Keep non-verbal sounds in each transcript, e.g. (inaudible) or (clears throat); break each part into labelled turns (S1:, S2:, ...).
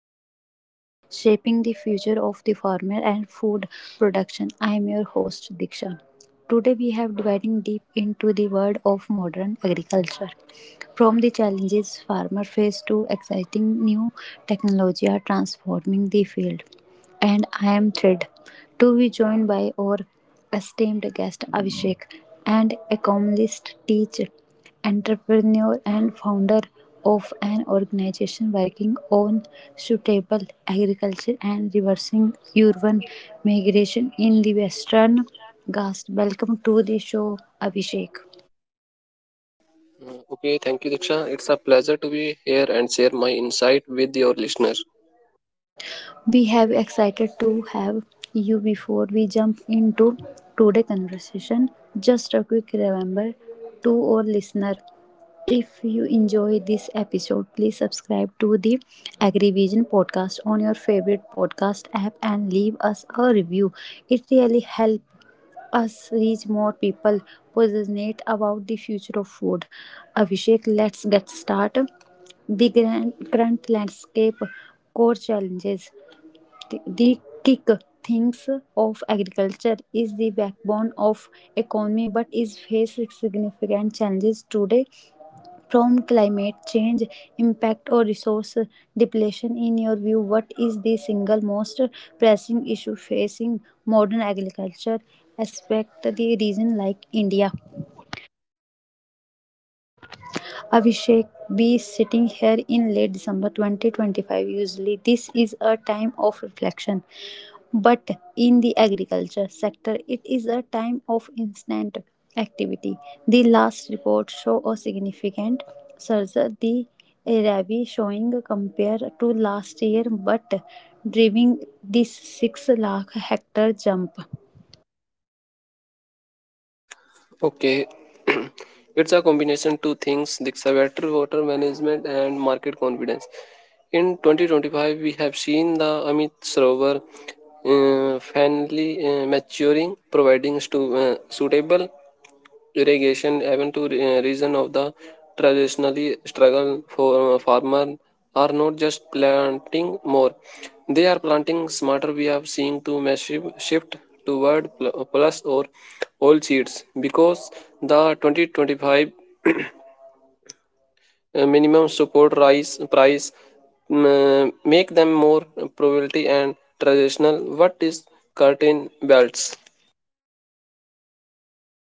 S1: solution shaping the future of the farmer and food production. I am your host Diksha. Today we have diving deep into the world of modern agriculture, from the challenges farmer face to exciting new technology are transforming the field. And I am thrilled to be joined by our esteemed guest Abhishek, an economist, teacher, entrepreneur, and founder of an organization working on suitable agriculture and reversing urban migration in the Western Ghats. Welcome to the show, Abhishek.
S2: Okay, thank you, Diksha. It's a pleasure to be here and share my insight with your listeners.
S1: We have excited to have you before we jump into today's conversation. Just a quick remember to our listener, if you enjoy this episode, please subscribe to the AgriVision podcast on your favorite podcast app and leave us a review. It really helps us reach more people passionate about the future of food. Abhishek, let's get started. The grand, current landscape, core challenges, the kick thinks of agriculture is the backbone of economy but is facing significant challenges today from climate change impact or resource depletion. In your view, what is the single most pressing issue facing modern agriculture aspect the region like India? Abhishek, be sitting here in late December 2025. Usually, this is a time of reflection, but in the agriculture sector, it is a time of instant activity. The last report show a significant surge. The Rabi showing compared to last year, but driving this 6 lakh hectare jump.
S2: Okay, it's a combination two things, Diksha, better water management and market confidence. In 2025, we have seen the Amit Sarovar finally maturing, providing suitable irrigation even to reason of the traditionally struggle for farmer are not just planting more, they are planting smarter. We are seeing to massive shift toward plus or all seeds because the 2025 minimum support rice price make them more probability and traditional what is curtain belts.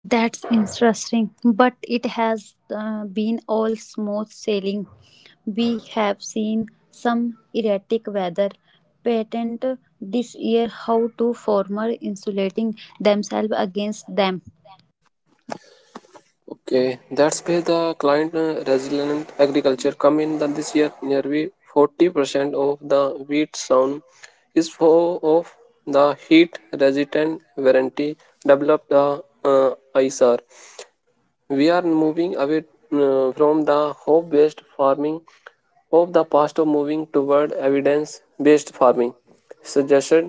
S1: That's interesting, but it has been all smooth sailing. We have seen some erratic weather patent this year. How to farmer insulating themselves against them?
S2: Okay, that's where the client resilient agriculture come in. That this year, nearly 40% of the wheat sown is for of the heat resistant variety developed the ISR. We are moving away from the hope based farming of the past of moving toward evidence based farming. Suggested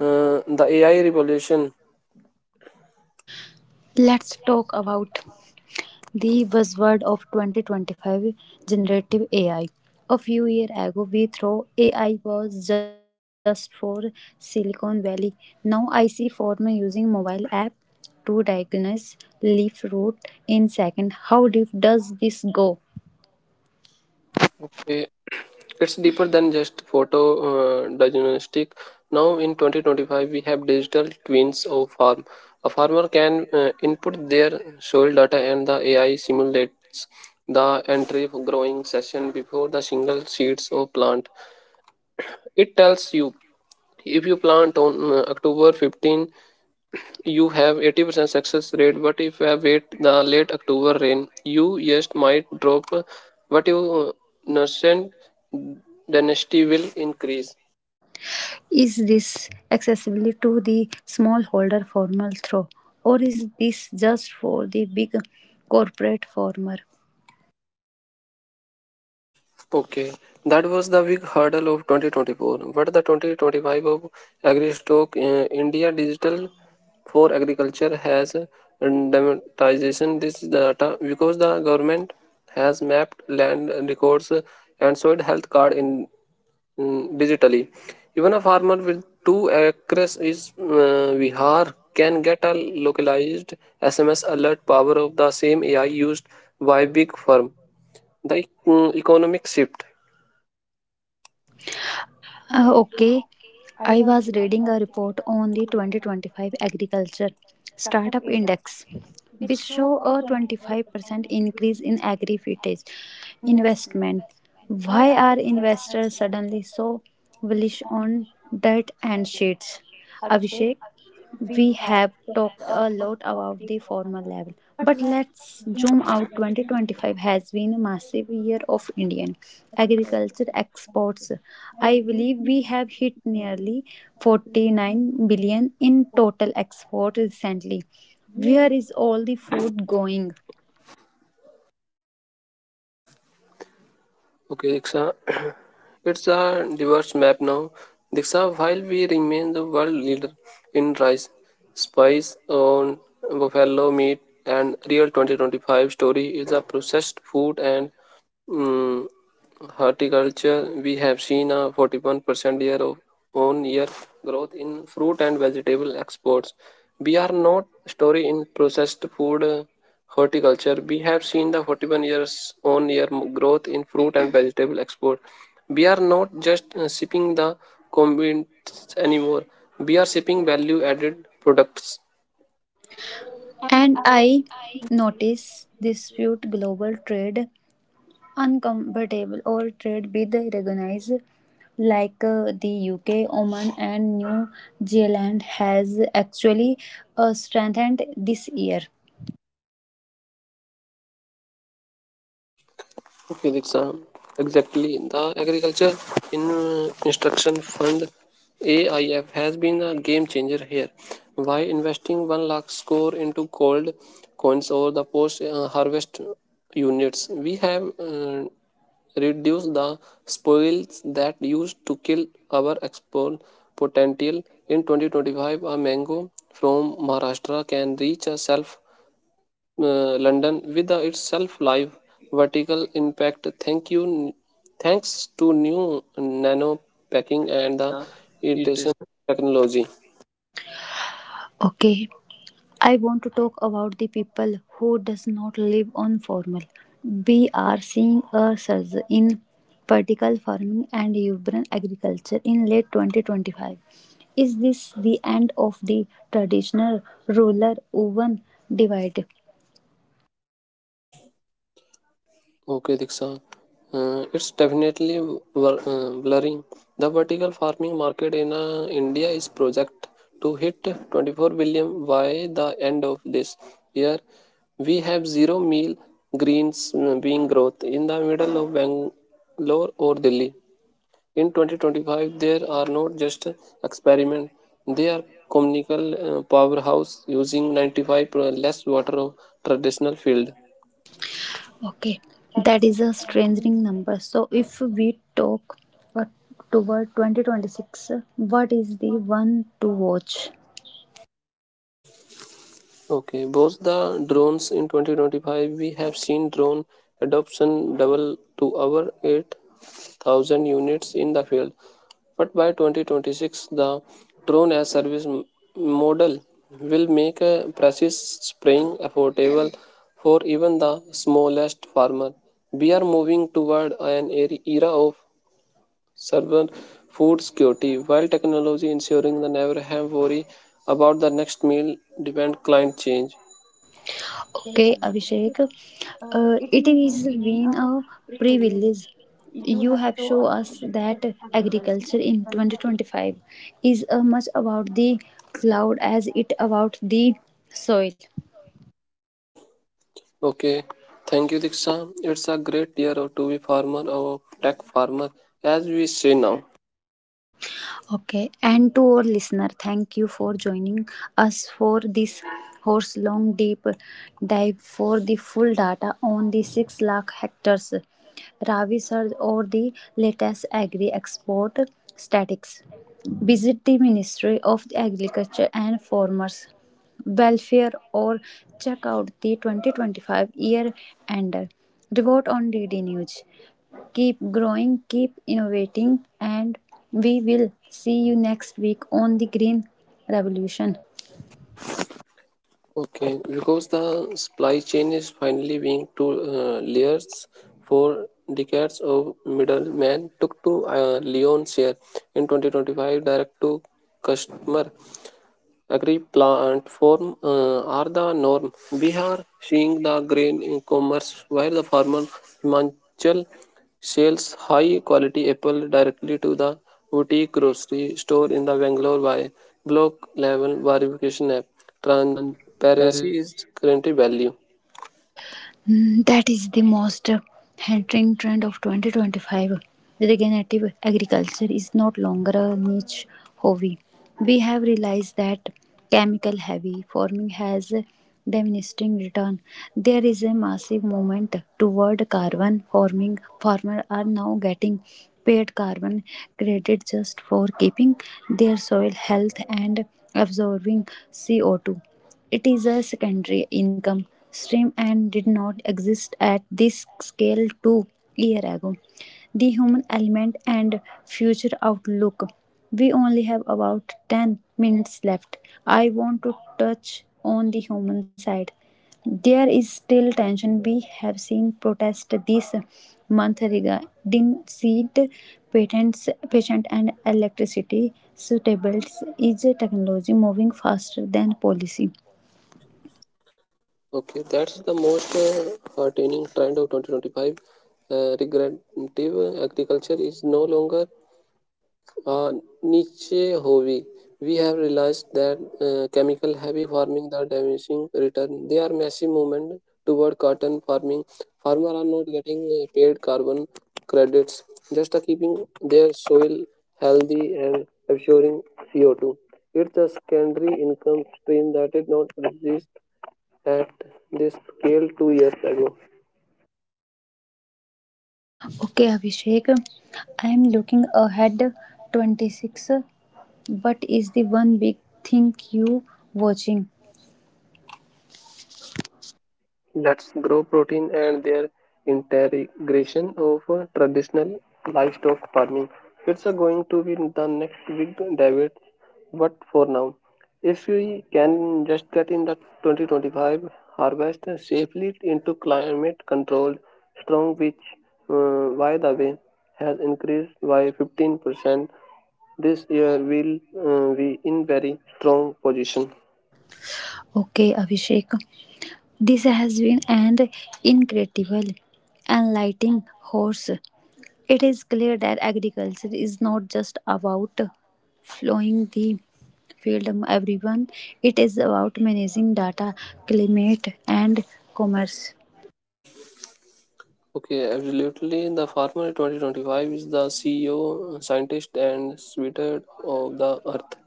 S2: the AI revolution.
S1: Let's talk about the buzzword of 2025, generative AI. A few years ago, we thought AI was just for Silicon Valley. Now I see farmers using mobile app to diagnose leaf rot in second. How deep does this go?
S2: eh, it's deeper than just photo diagnostic. Now in 2025 we have digital twins of farm. A farmer can input their soil data and the AI simulates the entry of growing session before the single seeds of plant. It tells you if you plant on october 15 you have 80% success rate, but if you wait the late october rain you just might drop, but your nascent dynasty will increase.
S1: Is this accessible to the smallholder farmer through, or is this just for the big corporate farmer?
S2: Okay, that was the big hurdle of 2024 but the 2025 of agri india digital for agriculture has demonetization this data because the government has mapped land records and soil health card in digitally. Even a farmer with 2 acres is Vihar can get a localized SMS alert power of the same AI used by big firm. The economic shift.
S1: Uh, okay, I was reading a report on the 2025 Agriculture Startup Index, which show a 25% increase in agri-footage investment. Why are investors suddenly so bullish on dirt and sheets? Abhishek, we have talked a lot about the formal level, but let's zoom out. 2025 has been a massive year of Indian agriculture exports. I believe we have hit nearly 49 billion in total export recently. Where is all the food going?
S2: Okay, Diksha. (coughs) (clears throat) It's a diverse map now. Diksha, while we remain the world leader in rice, spice on buffalo meat and real 2025 story is a processed food and Mm, horticulture, we have seen a 41% year of on year growth in fruit and vegetable exports. We are not story in processed food horticulture. We have seen the 41 years on year growth in fruit and vegetable export. We are not just shipping the commodities anymore. We are shipping value added products.
S1: And I notice dispute global trade uncomfortable or trade with recognized like the UK, Oman and New Zealand has actually strengthened this year.
S2: Physics are exactly the agriculture in instruction fund AIF has been a game changer here. Why investing 1 lakh score into gold coins or the post harvest units? We have reduced the spoils that used to kill our export potential. In 2025, a mango from Maharashtra can reach a self London with the itself live vertical impact. Thanks to new nano packing and
S1: And
S2: the
S1: it is
S2: iteration technology.
S1: okay, I want to talk about the people who does not live on formal. We are seeing a surge in vertical farming and urban agriculture in late 2025. Is this the end of the traditional rural urban divide?
S2: Okay, Diksha. It's definitely blurring. The vertical farming market in India is project to hit 24 billion by the end of this year. We have zero meal greens being growth in the middle of Bangalore or Delhi. In 2025, there are not just experiments, they are communal powerhouse using 95 per- less water of traditional field.
S1: Okay, that is a strengthening number. So, if we talk uh, toward 2026, what is the one to watch?
S2: Okay, both the drones in 2025 we have seen drone adoption double to over 8,000 units in the field. But by 2026 the drone as service model will make a precise spraying affordable for even the smallest farmer. We are moving toward an era of server food security while technology ensuring the never have worry about the next meal depend climate change.
S1: Okay, Abhishek, it is been a privilege. You have shown us that agriculture in 2025 is as much about the cloud as it about the soil.
S2: Okay, thank you, Diksha. It's a great year to be farmer or tech farmer, as we say now.
S1: Okay, and to our listener, thank you for joining us for this horse long deep dive. For the full data on the 6 lakh hectares Ravi surge or the latest agri export statistics, visit the Ministry of Agriculture and Farmers Welfare or check out the 2025 year ender report on DD News. Keep growing, keep innovating, and we will see you next week on the Green Revolution.
S2: Okay, because the supply chain is finally being two layers. Four decades of middlemen took to Leon's share in 2025 direct to customer Agri platform are the norm. Bihar seeing the grain in commerce where the farmer Himachal sells high quality apple directly to the boutique grocery store in the Bangalore by block level verification app.
S1: Transparency.
S2: Transparency is currently value.
S1: Mm, that is the most entering trend of 2025. Regenerative agriculture is not longer a niche hobby. We have realized that chemical heavy farming has a diminishing return. There is a massive movement toward carbon farming. Farmers are now getting paid carbon credit just for keeping their soil health and absorbing CO2. It is a secondary income stream and did not exist at this scale 2 years ago. The human element and future outlook. We only have about 10 minutes left. I want to touch on the human side. There is still tension. We have seen protest this month regarding seed patents, patient and electricity suitables. Is technology moving faster than policy?
S2: Okay, that's the most heartening trend of 2025. Regenerative agriculture is no longer uh, niche hobby. We have realized that chemical heavy farming are diminishing return. They are massive movement toward cotton farming. Farmers are not getting paid carbon credits, just are keeping their soil healthy and absorbing CO2. It's a secondary income stream that did not exist at this scale 2 years ago.
S1: Okay, Abhishek. I am looking ahead 26. What is the one big thing you watching?
S2: Let's grow protein and their integration of traditional livestock farming. It's going to be the next big debate, but for now, if we can just get in the 2025 harvest safely into climate controlled strong, which, by the way, has increased by 15% this year, will be in very strong position.
S1: Okay, Abhishek. This has been an incredible, enlightening horse. It is clear that agriculture is not just about flowing the field everyone. It is about managing data, climate and commerce.
S2: Okay, absolutely. The farmer 2025 is the CEO, scientist, and sweetheart of the earth.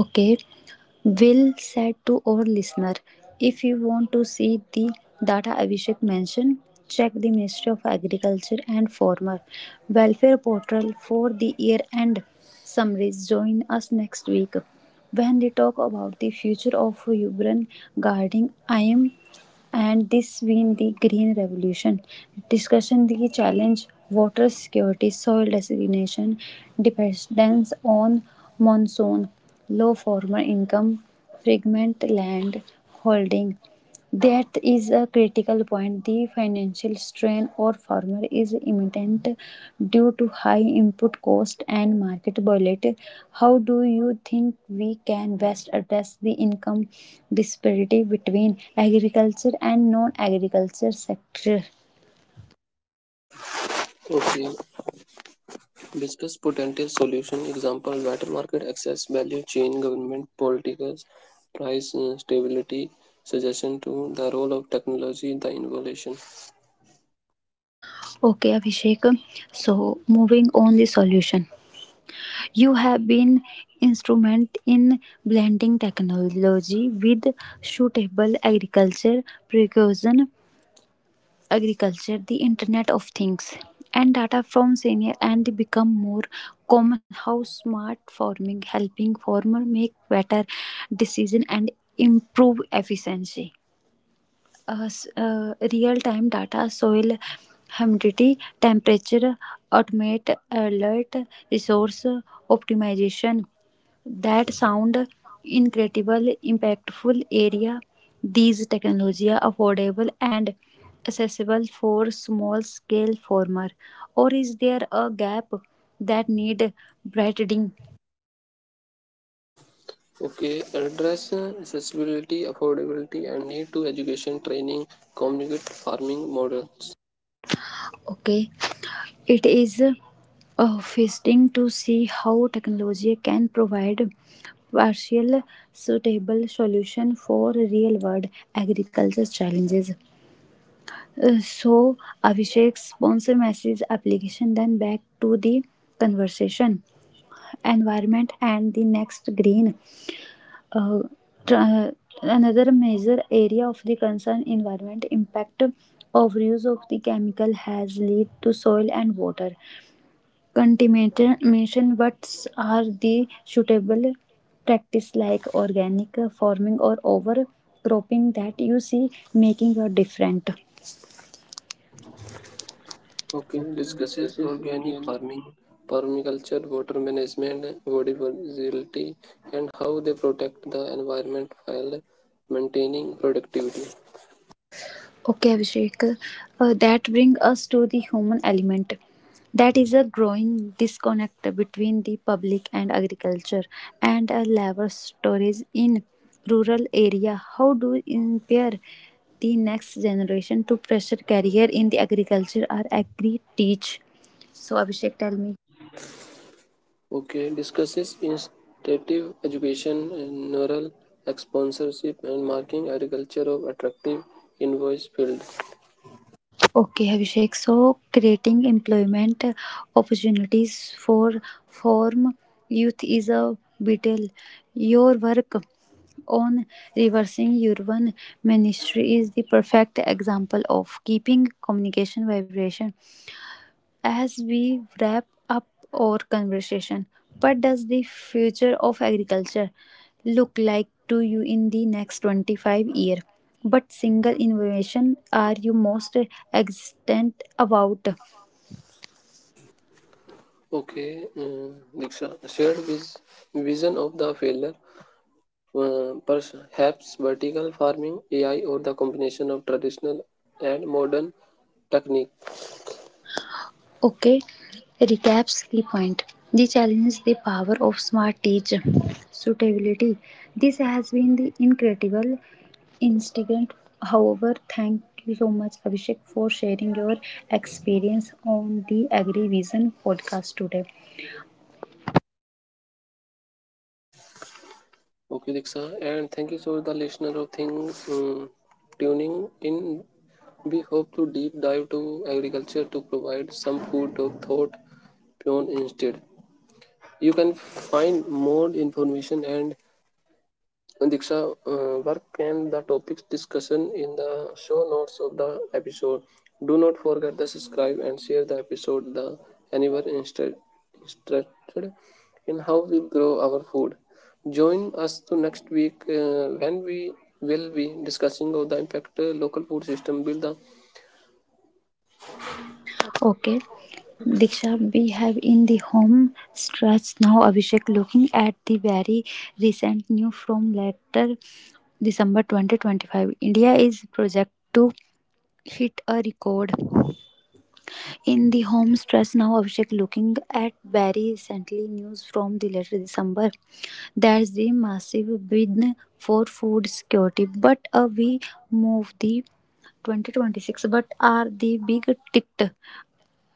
S1: Okay, Will said to our listener, if you want to see the data Abhishek mentioned, check the Ministry of Agriculture and Farmer Welfare portal for the year end summaries. Join us next week when we talk about the future of urban gardening. I am and this win the green revolution discussion the challenge water security soil designation dependence on monsoon low farmer income fragment land holding. That is a critical point. The financial strain on farmer is imminent due to high input cost and market volatility. How do you think we can best address the income disparity between agriculture and non-agriculture sector?
S2: Okay, discuss potential solution. Example: better market access, value chain, government policies, price stability. Suggestion to the role of technology in the innovation.
S1: Okay, Abhishek. So moving on the solution. You have been instrument in blending technology with suitable agriculture precision agriculture, the Internet of Things, and data from senior and become more common. How smart farming helping farmer make better decision and improve efficiency real-time data, soil humidity, temperature, automate alert, resource optimization. That sound incredible, impactful area. These technology are affordable and accessible for small-scale farmer, or is there a gap that need widening?
S2: Okay, address accessibility, affordability, and need to education, training, communicate farming models.
S1: Okay, it is fascinating to see how technology can provide partial suitable solution for real world agriculture challenges. Uh, so, Abhishek's sponsor message application then back to the conversation environment and the next green uh, tr- another major area of the concern environment impact of use of the chemical has lead to soil and water cultivation methods are the suitable practice like organic farming or overcropping that you see making a difference.
S2: Okay,
S1: Okay,
S2: discusses
S1: discusses
S2: organic
S1: organic.
S2: farming, permaculture, water management, biodiversity, and how they protect the environment while maintaining productivity.
S1: Okay, Abhishek. That brings us to the human element. That is a growing disconnect between the public and agriculture and a level storage in rural area. How do we impair the next generation to pressure career in the agriculture or agri teach? So Abhishek, tell me.
S2: Okay, discusses instinctive education, and neural sponsorship, and marking agriculture of attractive invoice field.
S1: Okay, Abhishek. So, creating employment opportunities for form youth is a vital. Your work on reversing urban ministry is the perfect example of keeping communication vibration. As we wrap up our conversation, what does the future of agriculture look like to you in the next 25 years? What single innovation are you most excited about?
S2: Okay, Diksha shared vision of the failure. Perhaps vertical farming, AI, or the combination of traditional and modern technique.
S1: Okay, recaps key point. The challenge the power of smart teach suitability. This has been the incredible instigant. However, thank you so much, Abhishek, for sharing your experience on the AgriVision podcast today.
S2: Okay, Diksha, and thank you so the listener of things tuning in. We hope to deep dive to agriculture to provide some food of thought beyond instead. You can find more information and Diksha work and the topics discussion in the show notes of the episode. Do not forget to subscribe and share the episode. The anywhere instead instructed in how we grow our food. Join us to next week when we will be discussing of the impact local food system build the
S1: Okay, Diksha, we have in the home stretch now. Abhishek looking at the very recent news from later December 2025. India is projected to hit a record. In the home stress now, Abhishek looking at very recently news from the later December. There's the massive bid for food security, but we move the 2026 but are the big ticket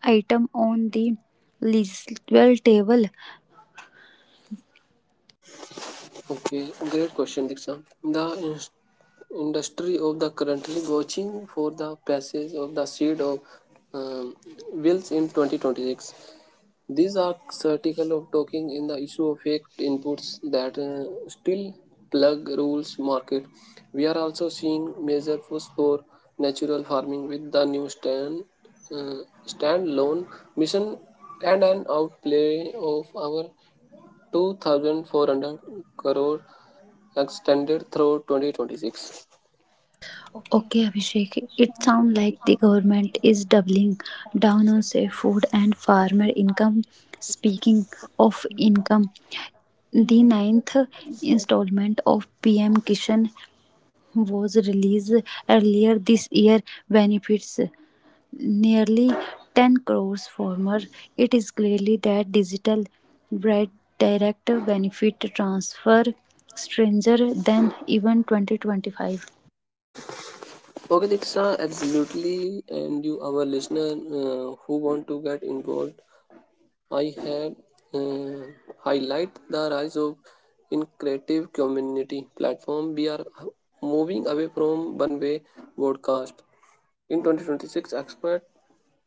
S1: item on the legislative table.
S2: okay great question Diksha. The industry of the currently watching for the passage of the seed of um, wills in 2026. These are critical of talking in the issue of fake inputs that still plug rules market. We are also seeing major push for natural farming with the new stand standalone mission and an outplay of our 2400 crore extended through 2026.
S1: Okay, Abhishek, it sounds like the government is doubling down on safe food and farmer income. Speaking of income, the ninth installment of PM Kishan was released earlier this year, benefits nearly 10 crores farmers. It is clearly that digital bread direct benefit transfer stranger than even 2025.
S2: Okay, Diksha, absolutely. And you, our listener who want to get involved I had uh, highlight the rise of in creative community platform. We are moving away from one-way broadcast. In 2026, expect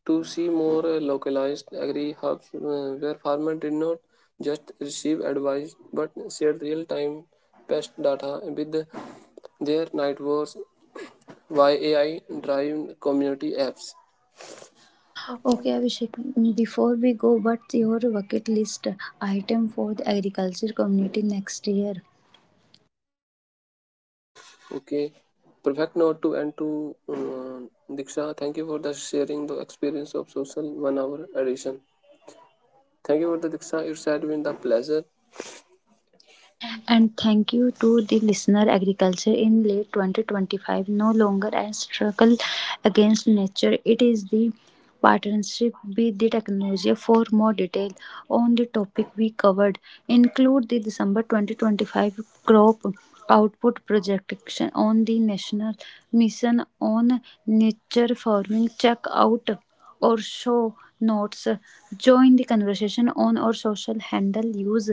S2: to see more localized agri hubs where farmers did not just receive advice but shared real-time pest data with their networks via AI-driven community apps.
S1: Okay, Abhishek, before we go, what's your bucket list item for the agriculture community next year?
S2: Okay, perfect note to end to Diksha. Thank you for the sharing the experience of social 1 hour edition. Thank you for the Diksha. It's had been the pleasure.
S1: And thank you to the listener. Agriculture in late 2025 no longer a struggle against nature, it is the partnership with the technology. For more detail on the topic we covered, include the December 2025 crop output projection on the National Mission on Nature Farming. Check out or show notes. Join the conversation on our social handle. Use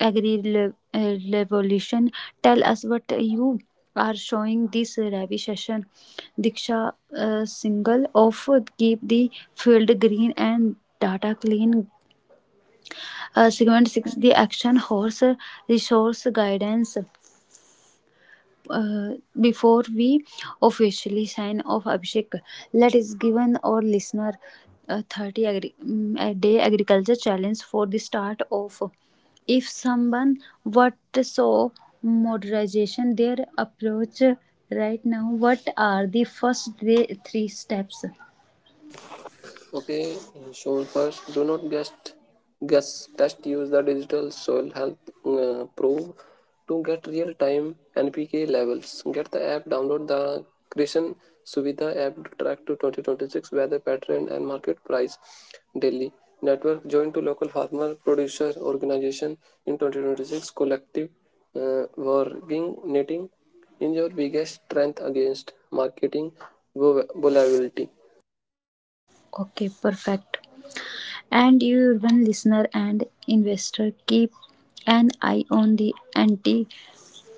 S1: Agri Revolution. Tell us what you are showing this Ravi session. Diksha single of keep the field green and data clean. Segment 6 the action horse resource guidance uh, before we officially sign off, Abhishek, let us given our listener a a day agriculture challenge for the start of. If someone what so modernization their approach right now, what are the first day, three steps?
S2: Okay, so first, do not just guess. Just use the digital soil health pro to get real time NPK levels. Get the app, download the Krishan Suvidha app to track to 2026 weather pattern and market price daily. Network joined to local farmer producer organization in 2026 collective working knitting in your biggest strength against marketing volatility.
S1: Okay, perfect. And you urban listener and investor keep an eye on the anti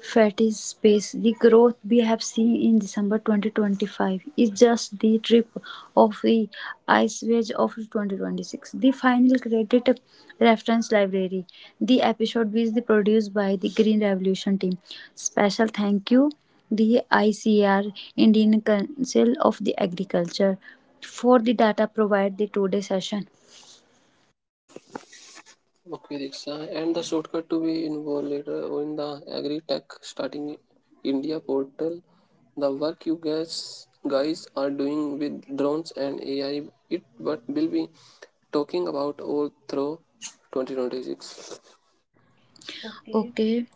S1: Fatty Space. The growth we have seen in December 2025 is just the tip of the iceberg of 2026. The final credit reference library. The episode is produced by the Green Revolution team. Special thank you the ICR Indian Council of the Agriculture for the data provided the today session.
S2: Okay, Diksha. And the shortcut to be involved later in the agri tech starting India portal. The work you guys are doing with drones and AI it but will be talking about all through 2026.
S1: Okay,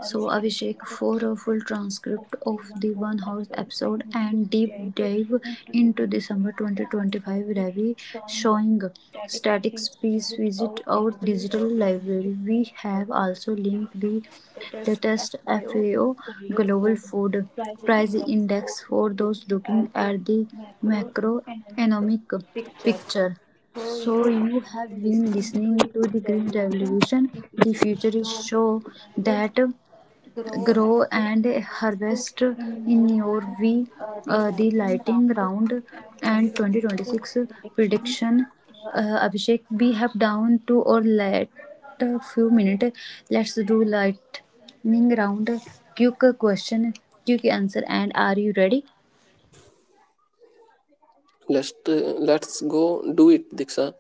S1: so Abhishek, for a full transcript of the One House episode and deep dive into the summer 2025 Ravi showing statics piece, visit our digital library. We have also linked the latest FAO Global Food Price Index for those looking at the macroeconomic picture. So, you have been listening to The Green Revolution, the futurist show that grow and harvest in your way. The lighting round and 2026 prediction. Abhishek, we have down to or let a few minutes. Let's do lightning round. Quick question, quick answer, and are you ready?
S2: Let's uh, let's go do it, Diksha.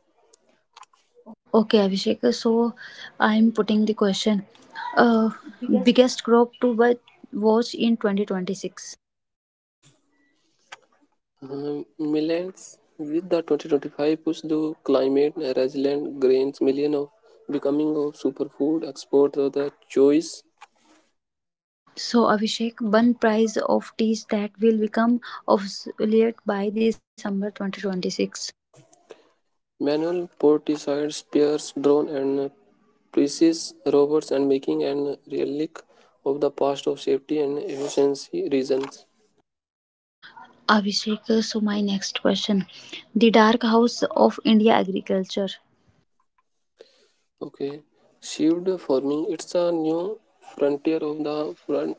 S1: Okay, Abhishek. So I'm putting the question. Uh, Biggest crop to watch in 2026.
S2: Millions with the 2025 push to climate resilient grains, million of becoming of superfood export of the choice.
S1: So Abhishek, one price of teas that will become obsolete by December 2026.
S2: Manual portisiers, spears, drone and precise robots and making an relic of the past of safety and efficiency reasons.
S1: Abhishek, so my next question. The Dark House of India Agriculture.
S2: Okay. Shield farming. It's a new frontier of the front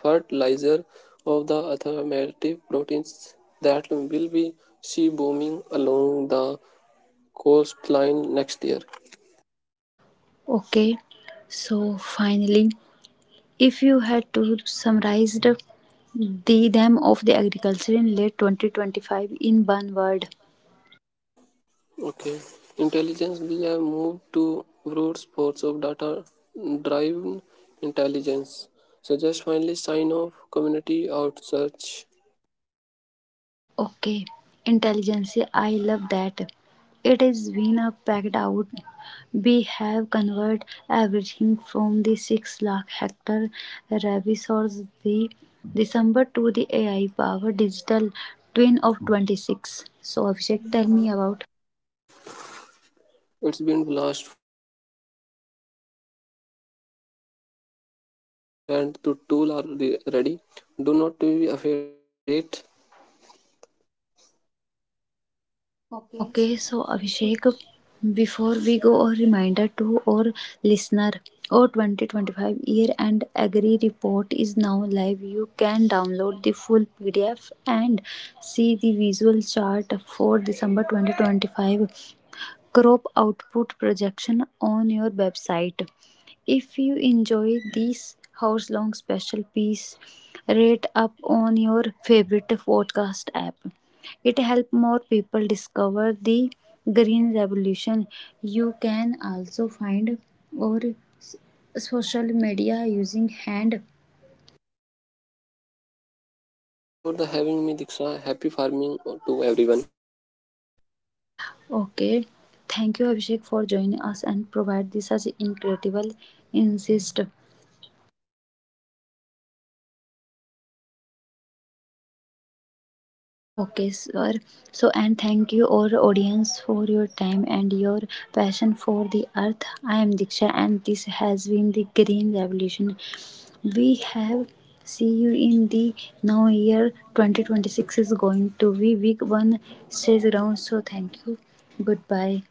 S2: fertilizer of the alternative proteins that will be sea booming along the coastline next year.
S1: Okay, so finally, if you had to summarize the them of the agriculture in late 2025 in one word.
S2: Okay. Intelligence, we have moved to broad sports of data driven intelligence. So just finally sign off community out search.
S1: Okay, intelligence. I love that. It is been a packed out. We have converted everything from the 6 lakh hectare resource the December to the AI powered digital twin of 26. So Abhishek, tell me about.
S2: It's been blast for anyone listening. The field is open and the tool are re- ready. Do not be afraid the innovate.
S1: Okay, so Abhishek, before we go, a reminder to our listener our 2025 year end agri report is now live. You can download the full PDF and see the visual chart for December 2025 crop output projection on your website. If you enjoy this hours long special piece, rate up on your favorite podcast app. It helps more people discover the green revolution. You can also find our s- social media using hand.
S2: Okay, thank you for the having me Diksha. Happy farming to everyone.
S1: Okay, thank you, Abhishek, for joining us and provide this as incredible insist.
S2: Okay, thank you for the Diksha joining to the podcast.
S1: Okay, sir. So, and thank you, our audience, for your time and your passion for the earth. I am Diksha, and this has been the Green Revolution. We have see you in the now year 2026 is going to be week one. Stay around. So, thank you. Goodbye.